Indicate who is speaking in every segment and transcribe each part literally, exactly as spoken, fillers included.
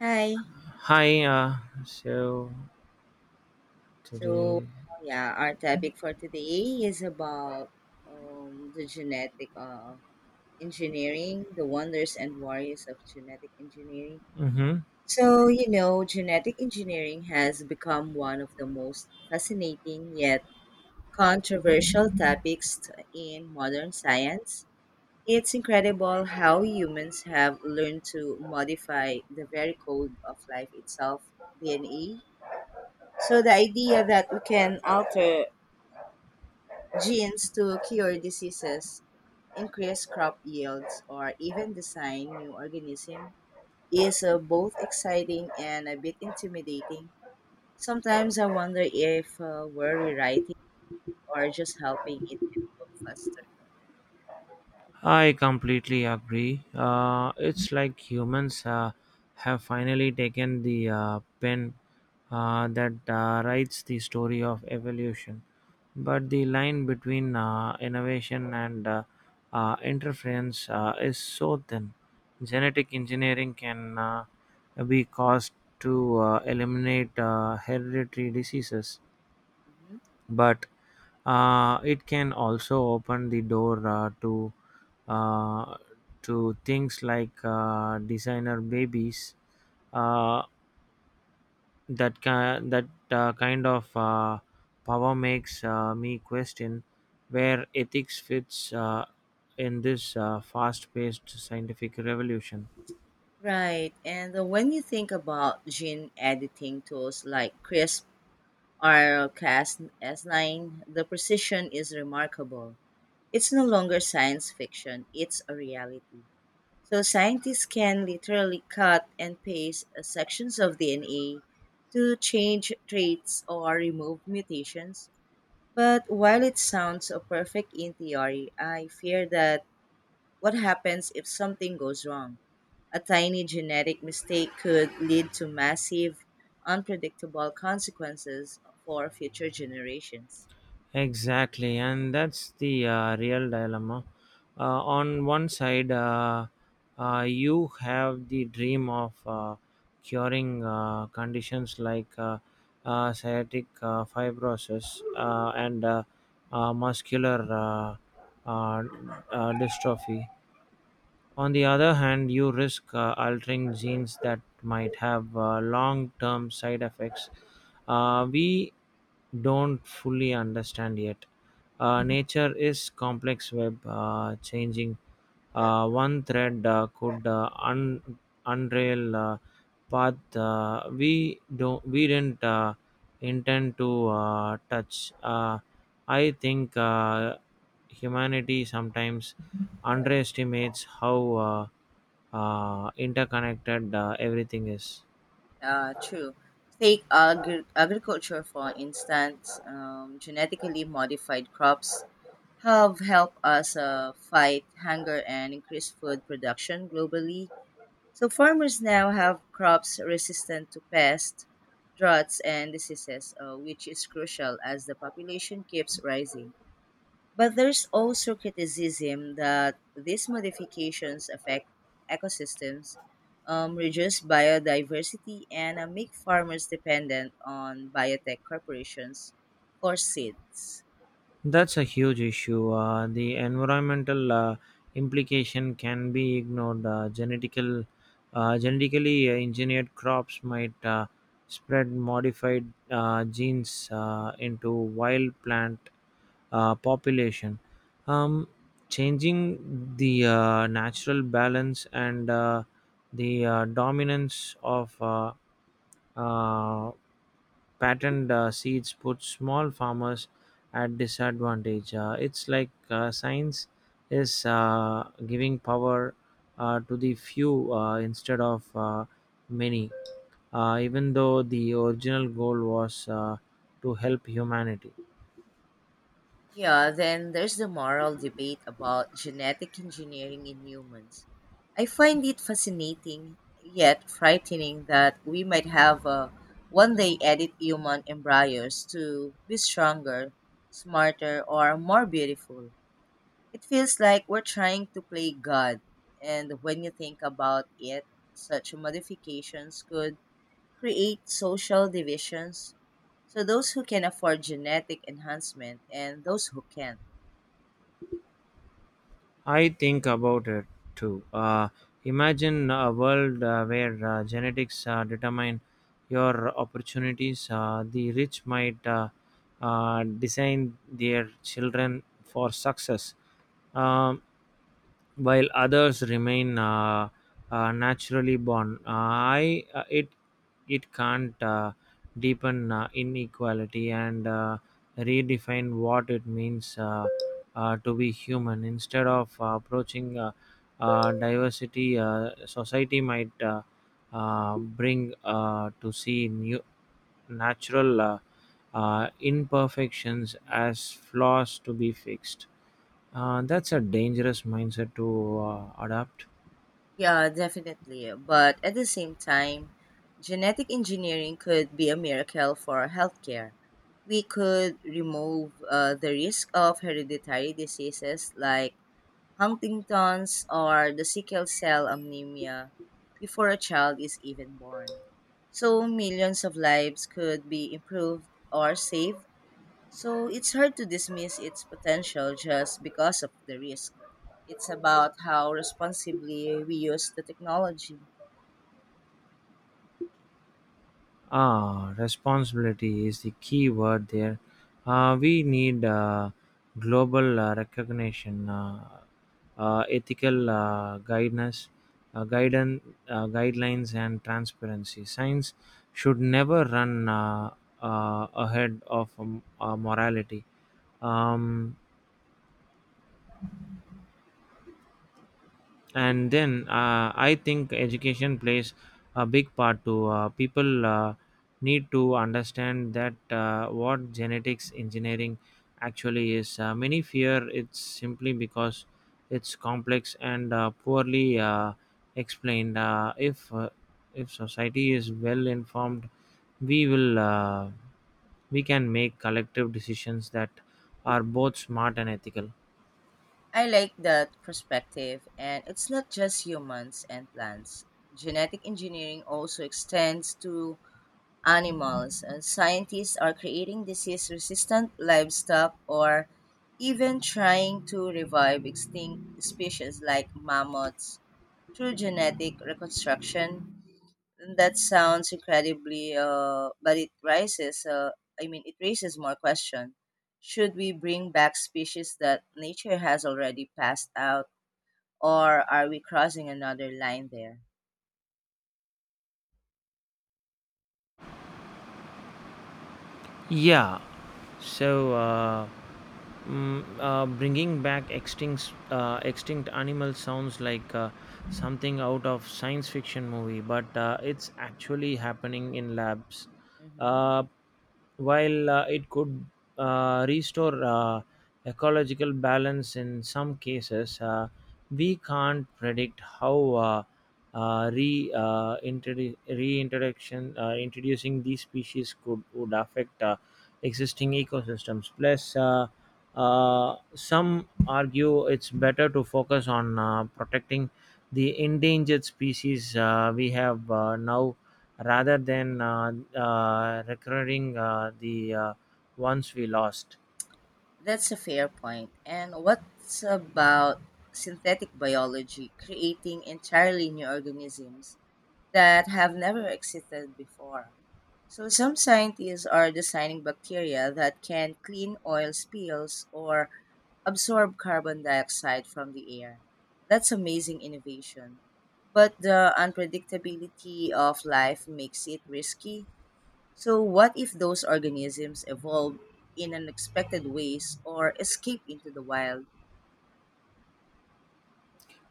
Speaker 1: Hi.
Speaker 2: Hi, uh, so
Speaker 1: So,
Speaker 2: today,
Speaker 1: yeah, our topic for today is about um, the genetic uh, engineering, the wonders and warriors of genetic engineering.
Speaker 2: hmm,
Speaker 1: So, you know, genetic engineering has become one of the most fascinating yet controversial topics t- in modern science. It's incredible how humans have learned to modify the very code of life itself, D N A. So the idea that we can alter genes to cure diseases, increase crop yields, or even design new organisms is uh, both exciting and a bit intimidating. Sometimes I wonder if uh, we're rewriting or just helping it evolve faster.
Speaker 2: I completely agree. Uh, it's like humans uh, have finally taken the uh, pen uh, that uh, writes the story of evolution. But the line between uh, innovation and uh, uh, interference uh, is so thin. Genetic engineering can uh, be caused to uh, eliminate uh, hereditary diseases
Speaker 1: Mhm.
Speaker 2: but uh, it can also open the door uh, to uh, to things like uh, designer babies uh, that can, that uh, kind of uh, power makes uh, me question where ethics fits uh, in this uh, fast-paced scientific revolution.
Speaker 1: Right, and uh, when you think about gene editing tools like crispr or cas nine, the precision is remarkable. It's no longer science fiction, it's a reality. So scientists can literally cut and paste uh, sections of D N A to change traits or remove mutations. But while it sounds uh, perfect in theory, I fear that what happens if something goes wrong? A tiny genetic mistake could lead to massive, unpredictable consequences for future generations.
Speaker 2: Exactly, and that's the uh, real dilemma. Uh, on one side, uh, uh, you have the dream of uh, curing uh, conditions like uh, uh, sciatic uh, fibrosis uh, and uh, uh, muscular uh, uh, uh, dystrophy. On the other hand, you risk uh, altering genes that might have uh, long term side effects uh, we don't fully understand yet. Uh, nature is complex web uh, changing. Uh, one thread uh, could uh, un- unreal uh, path uh, we don't we didn't uh, intend to uh, touch. Uh, I think uh, humanity sometimes underestimates how uh, uh, interconnected uh, everything is.
Speaker 1: Uh, true. Take agri- agriculture, for instance. Um, genetically modified crops have helped us uh, fight hunger and increase food production globally. So, farmers now have crops resistant to pests, droughts, and diseases, uh, which is crucial as the population keeps rising. But there's also criticism that these modifications affect ecosystems, um, reduce biodiversity, and uh, make farmers dependent on biotech corporations for seeds.
Speaker 2: That's a huge issue. Uh, the environmental uh, implication can be ignored. Uh, genetical, uh, genetically engineered crops might uh, spread modified uh, genes uh, into wild plant uh, population, um, changing the uh, natural balance and uh, the uh, dominance of uh, uh, patterned uh, seeds put small farmers at disadvantage. Uh, it's like uh, science is uh, giving power uh, to the few uh, instead of uh, many, uh, even though the original goal was uh, to help humanity.
Speaker 1: Yeah, then there's the moral debate about genetic engineering in humans. I find it fascinating, yet frightening, that we might have uh, one day edit human embryos to be stronger, smarter, or more beautiful. It feels like we're trying to play God, and when you think about it, such modifications could create social divisions. So, those who can afford genetic enhancement and those who can't.
Speaker 2: I think about it too. Uh, imagine a world uh, where uh, genetics uh, determine your opportunities. Uh, the rich might uh, uh, design their children for success. Um, while others remain uh, uh, naturally born. Uh, I uh, it it can't uh, deepen uh, inequality and uh, redefine what it means uh, uh, to be human. Instead of uh, approaching uh, uh, diversity, uh, society might uh, uh, bring uh, to see new natural uh, uh, imperfections as flaws to be fixed. Uh, that's a dangerous mindset to uh, adopt.
Speaker 1: Yeah, definitely. But at the same time, genetic engineering could be a miracle for healthcare. We could remove uh, the risk of hereditary diseases like Huntington's or the sickle cell anemia before a child is even born. So millions of lives could be improved or saved, so it's hard to dismiss its potential just because of the risk. It's about how responsibly we use the technology.
Speaker 2: Ah, responsibility is the key word there. Uh, we need uh, global uh, recognition, uh, uh, ethical uh, guidance, uh, guidance, uh, guidelines, and transparency. Science should never run uh, uh, ahead of um, uh, morality. Um, and then uh, I think education plays a big part too. Uh, people uh, need to understand that uh, what genetics engineering actually is. Uh, many fear it's simply because it's complex and uh, poorly uh, explained. Uh, if uh, if society is well informed we will uh, we can make collective decisions that are both smart and ethical.
Speaker 1: I like that perspective, and it's not just humans and plants. Genetic engineering also extends to animals, and scientists are creating disease resistant livestock or even trying to revive extinct species like mammoths through genetic reconstruction. That sounds incredibly, uh, but it raises, uh, I mean, it raises more question. Should we bring back species that nature has already passed out, or are we crossing another line there?
Speaker 2: Yeah, so uh, Mm, uh, bringing back extinct uh, extinct animals sounds like uh, something out of science fiction movie, but uh, it's actually happening in labs.
Speaker 1: Hmm.
Speaker 2: Uh, while uh, it could uh, restore uh, ecological balance in some cases, uh, we can't predict how uh, uh, re uh, introdu- reintroduction uh, introducing these species could would affect uh, existing ecosystems. Plus, uh, uh, some argue it's better to focus on uh, protecting the endangered species uh, we have uh, now rather than uh, uh, recurring uh, the uh, ones we lost.
Speaker 1: That's a fair point. And what's about synthetic biology creating entirely new organisms that have never existed before? So some scientists are designing bacteria that can clean oil spills or absorb carbon dioxide from the air. That's amazing innovation. But the unpredictability of life makes it risky. So what if those organisms evolve in unexpected ways or escape into the wild?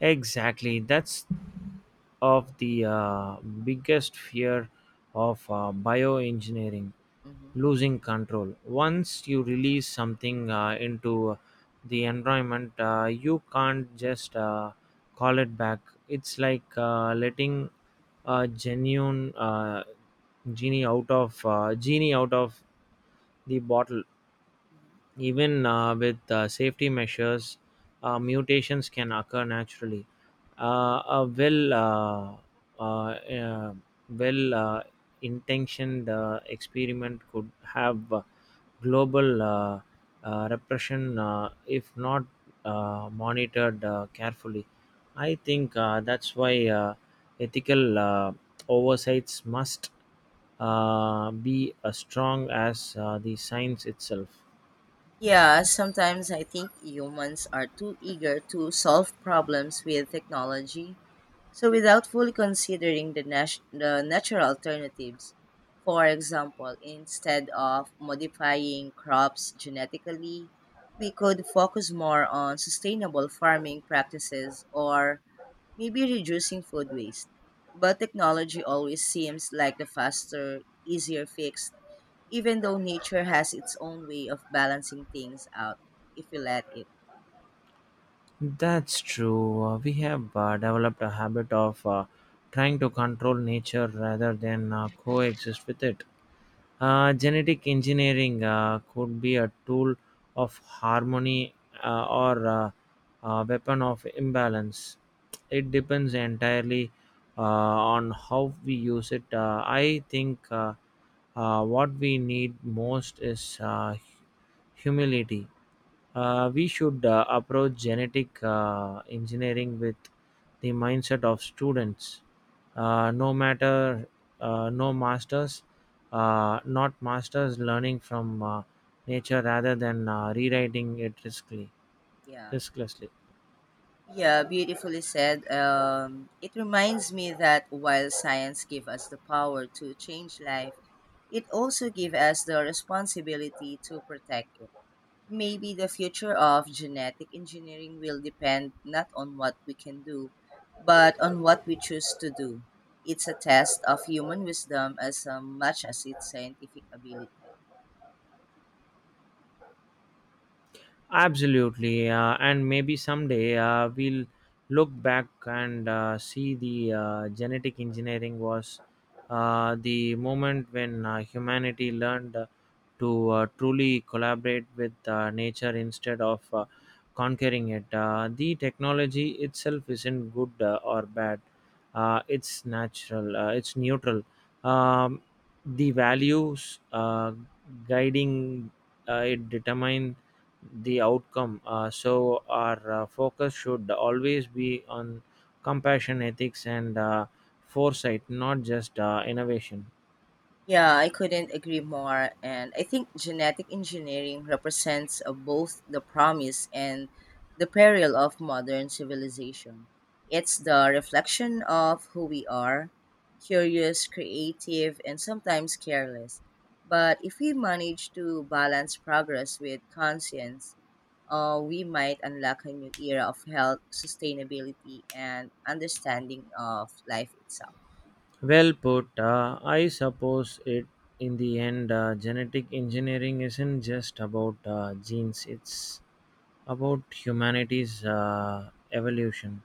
Speaker 2: Exactly, that's of the uh, biggest fear of uh, bioengineering,
Speaker 1: Mhm,
Speaker 2: losing control. Once you release something uh, into the environment, uh, you can't just uh, call it back. It's like uh, letting a genuine uh, genie out of uh, genie out of the bottle.
Speaker 1: mhm.
Speaker 2: Even uh, with uh, safety measures, uh, mutations can occur naturally. Uh, a well, uh, uh, uh, well uh, intentioned uh, experiment could have uh, global uh, uh, repression uh, if not uh, monitored uh, carefully. I think uh, that's why uh, ethical uh, oversights must uh, be as strong as uh, the science itself.
Speaker 1: Yeah, sometimes I think humans are too eager to solve problems with technology. So, without fully considering the, nat- the natural alternatives, for example, instead of modifying crops genetically, we could focus more on sustainable farming practices or maybe reducing food waste. But technology always seems like the faster, easier fix, even though nature has its own way of balancing things out if we let it.
Speaker 2: That's true. Uh, we have uh, developed a habit of uh, trying to control nature rather than uh, coexist with it. Uh, genetic engineering uh, could be a tool of harmony uh, or uh, a weapon of imbalance. It depends entirely uh, on how we use it. Uh, I think uh, uh, what we need most is uh, humility. Uh, we should uh, approach genetic uh, engineering with the mindset of students. Uh, no matter, uh, no masters, uh, Not masters, learning from uh, nature rather than uh, rewriting it riskly,
Speaker 1: Yeah.
Speaker 2: risklessly.
Speaker 1: Yeah, beautifully said. Um, it reminds me that while science gives us the power to change life, it also gives us the responsibility to protect it. Maybe the future of genetic engineering will depend not on what we can do, but on what we choose to do. It's a test of human wisdom as um, much as its scientific ability.
Speaker 2: Absolutely, uh, and maybe someday uh, we'll look back and uh, see the uh, genetic engineering was uh, the moment when uh, humanity learned uh, to uh, truly collaborate with uh, nature instead of uh,
Speaker 1: Mm-hmm.
Speaker 2: conquering it. Uh, the technology itself isn't good uh, or bad. Uh, it's natural. Uh, it's neutral. Um, the values uh, guiding uh, it determine the outcome. Uh, so our uh, focus should always be on compassion, ethics, and uh, foresight, not just uh, innovation.
Speaker 1: Yeah, I couldn't agree more. And I think genetic engineering represents uh, both the promise and the peril of modern civilization. It's the reflection of who we are: curious, creative, and sometimes careless. But if we manage to balance progress with conscience, uh, we might unlock a new era of health, sustainability, and understanding of life itself.
Speaker 2: Well put. Uh, I suppose it, in the end, uh, genetic engineering isn't just about uh, genes, it's about humanity's uh, evolution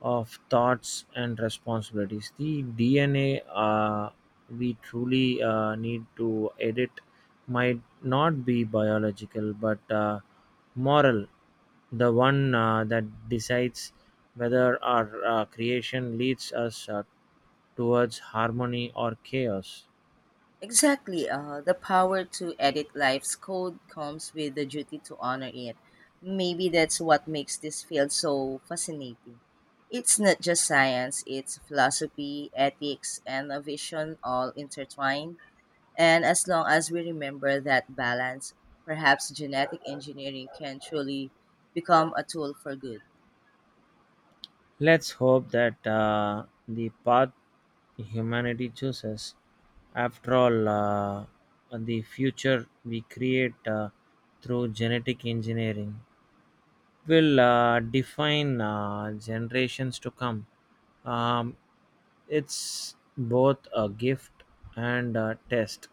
Speaker 2: of thoughts and responsibilities. The D N A uh, we truly uh, need to edit might not be biological but uh, moral, the one uh, that decides whether our uh, creation leads us uh, towards harmony or chaos.
Speaker 1: Exactly. Uh, the power to edit life's code comes with the duty to honor it. Maybe that's what makes this field so fascinating. It's not just science, it's philosophy, ethics, and a vision all intertwined. And as long as we remember that balance, perhaps genetic engineering can truly become a tool for good.
Speaker 2: Let's hope that uh, the path humanity chooses, after all, uh, the future we create uh, through genetic engineering, will uh, define uh, generations to come. Um, it's both a gift and a test,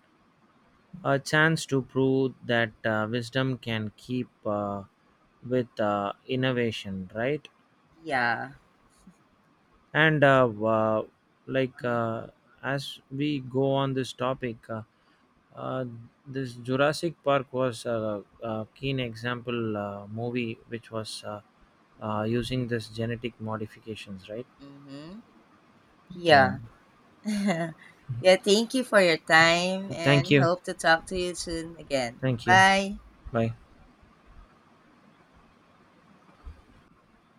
Speaker 2: a chance to prove that uh, wisdom can keep uh, with uh, innovation, right?
Speaker 1: Yeah.
Speaker 2: and uh, uh, like
Speaker 1: Uh-huh.
Speaker 2: uh, as we go on this topic, uh, uh, this Jurassic Park was a, a keen example uh, movie which was uh, uh, using this genetic modifications, right?
Speaker 1: Mm-hmm.
Speaker 2: Yeah,
Speaker 1: Yeah. Yeah, thank you for your time and
Speaker 2: thank you.
Speaker 1: hope to talk to you soon again.
Speaker 2: Thank you.
Speaker 1: Bye.
Speaker 2: Bye.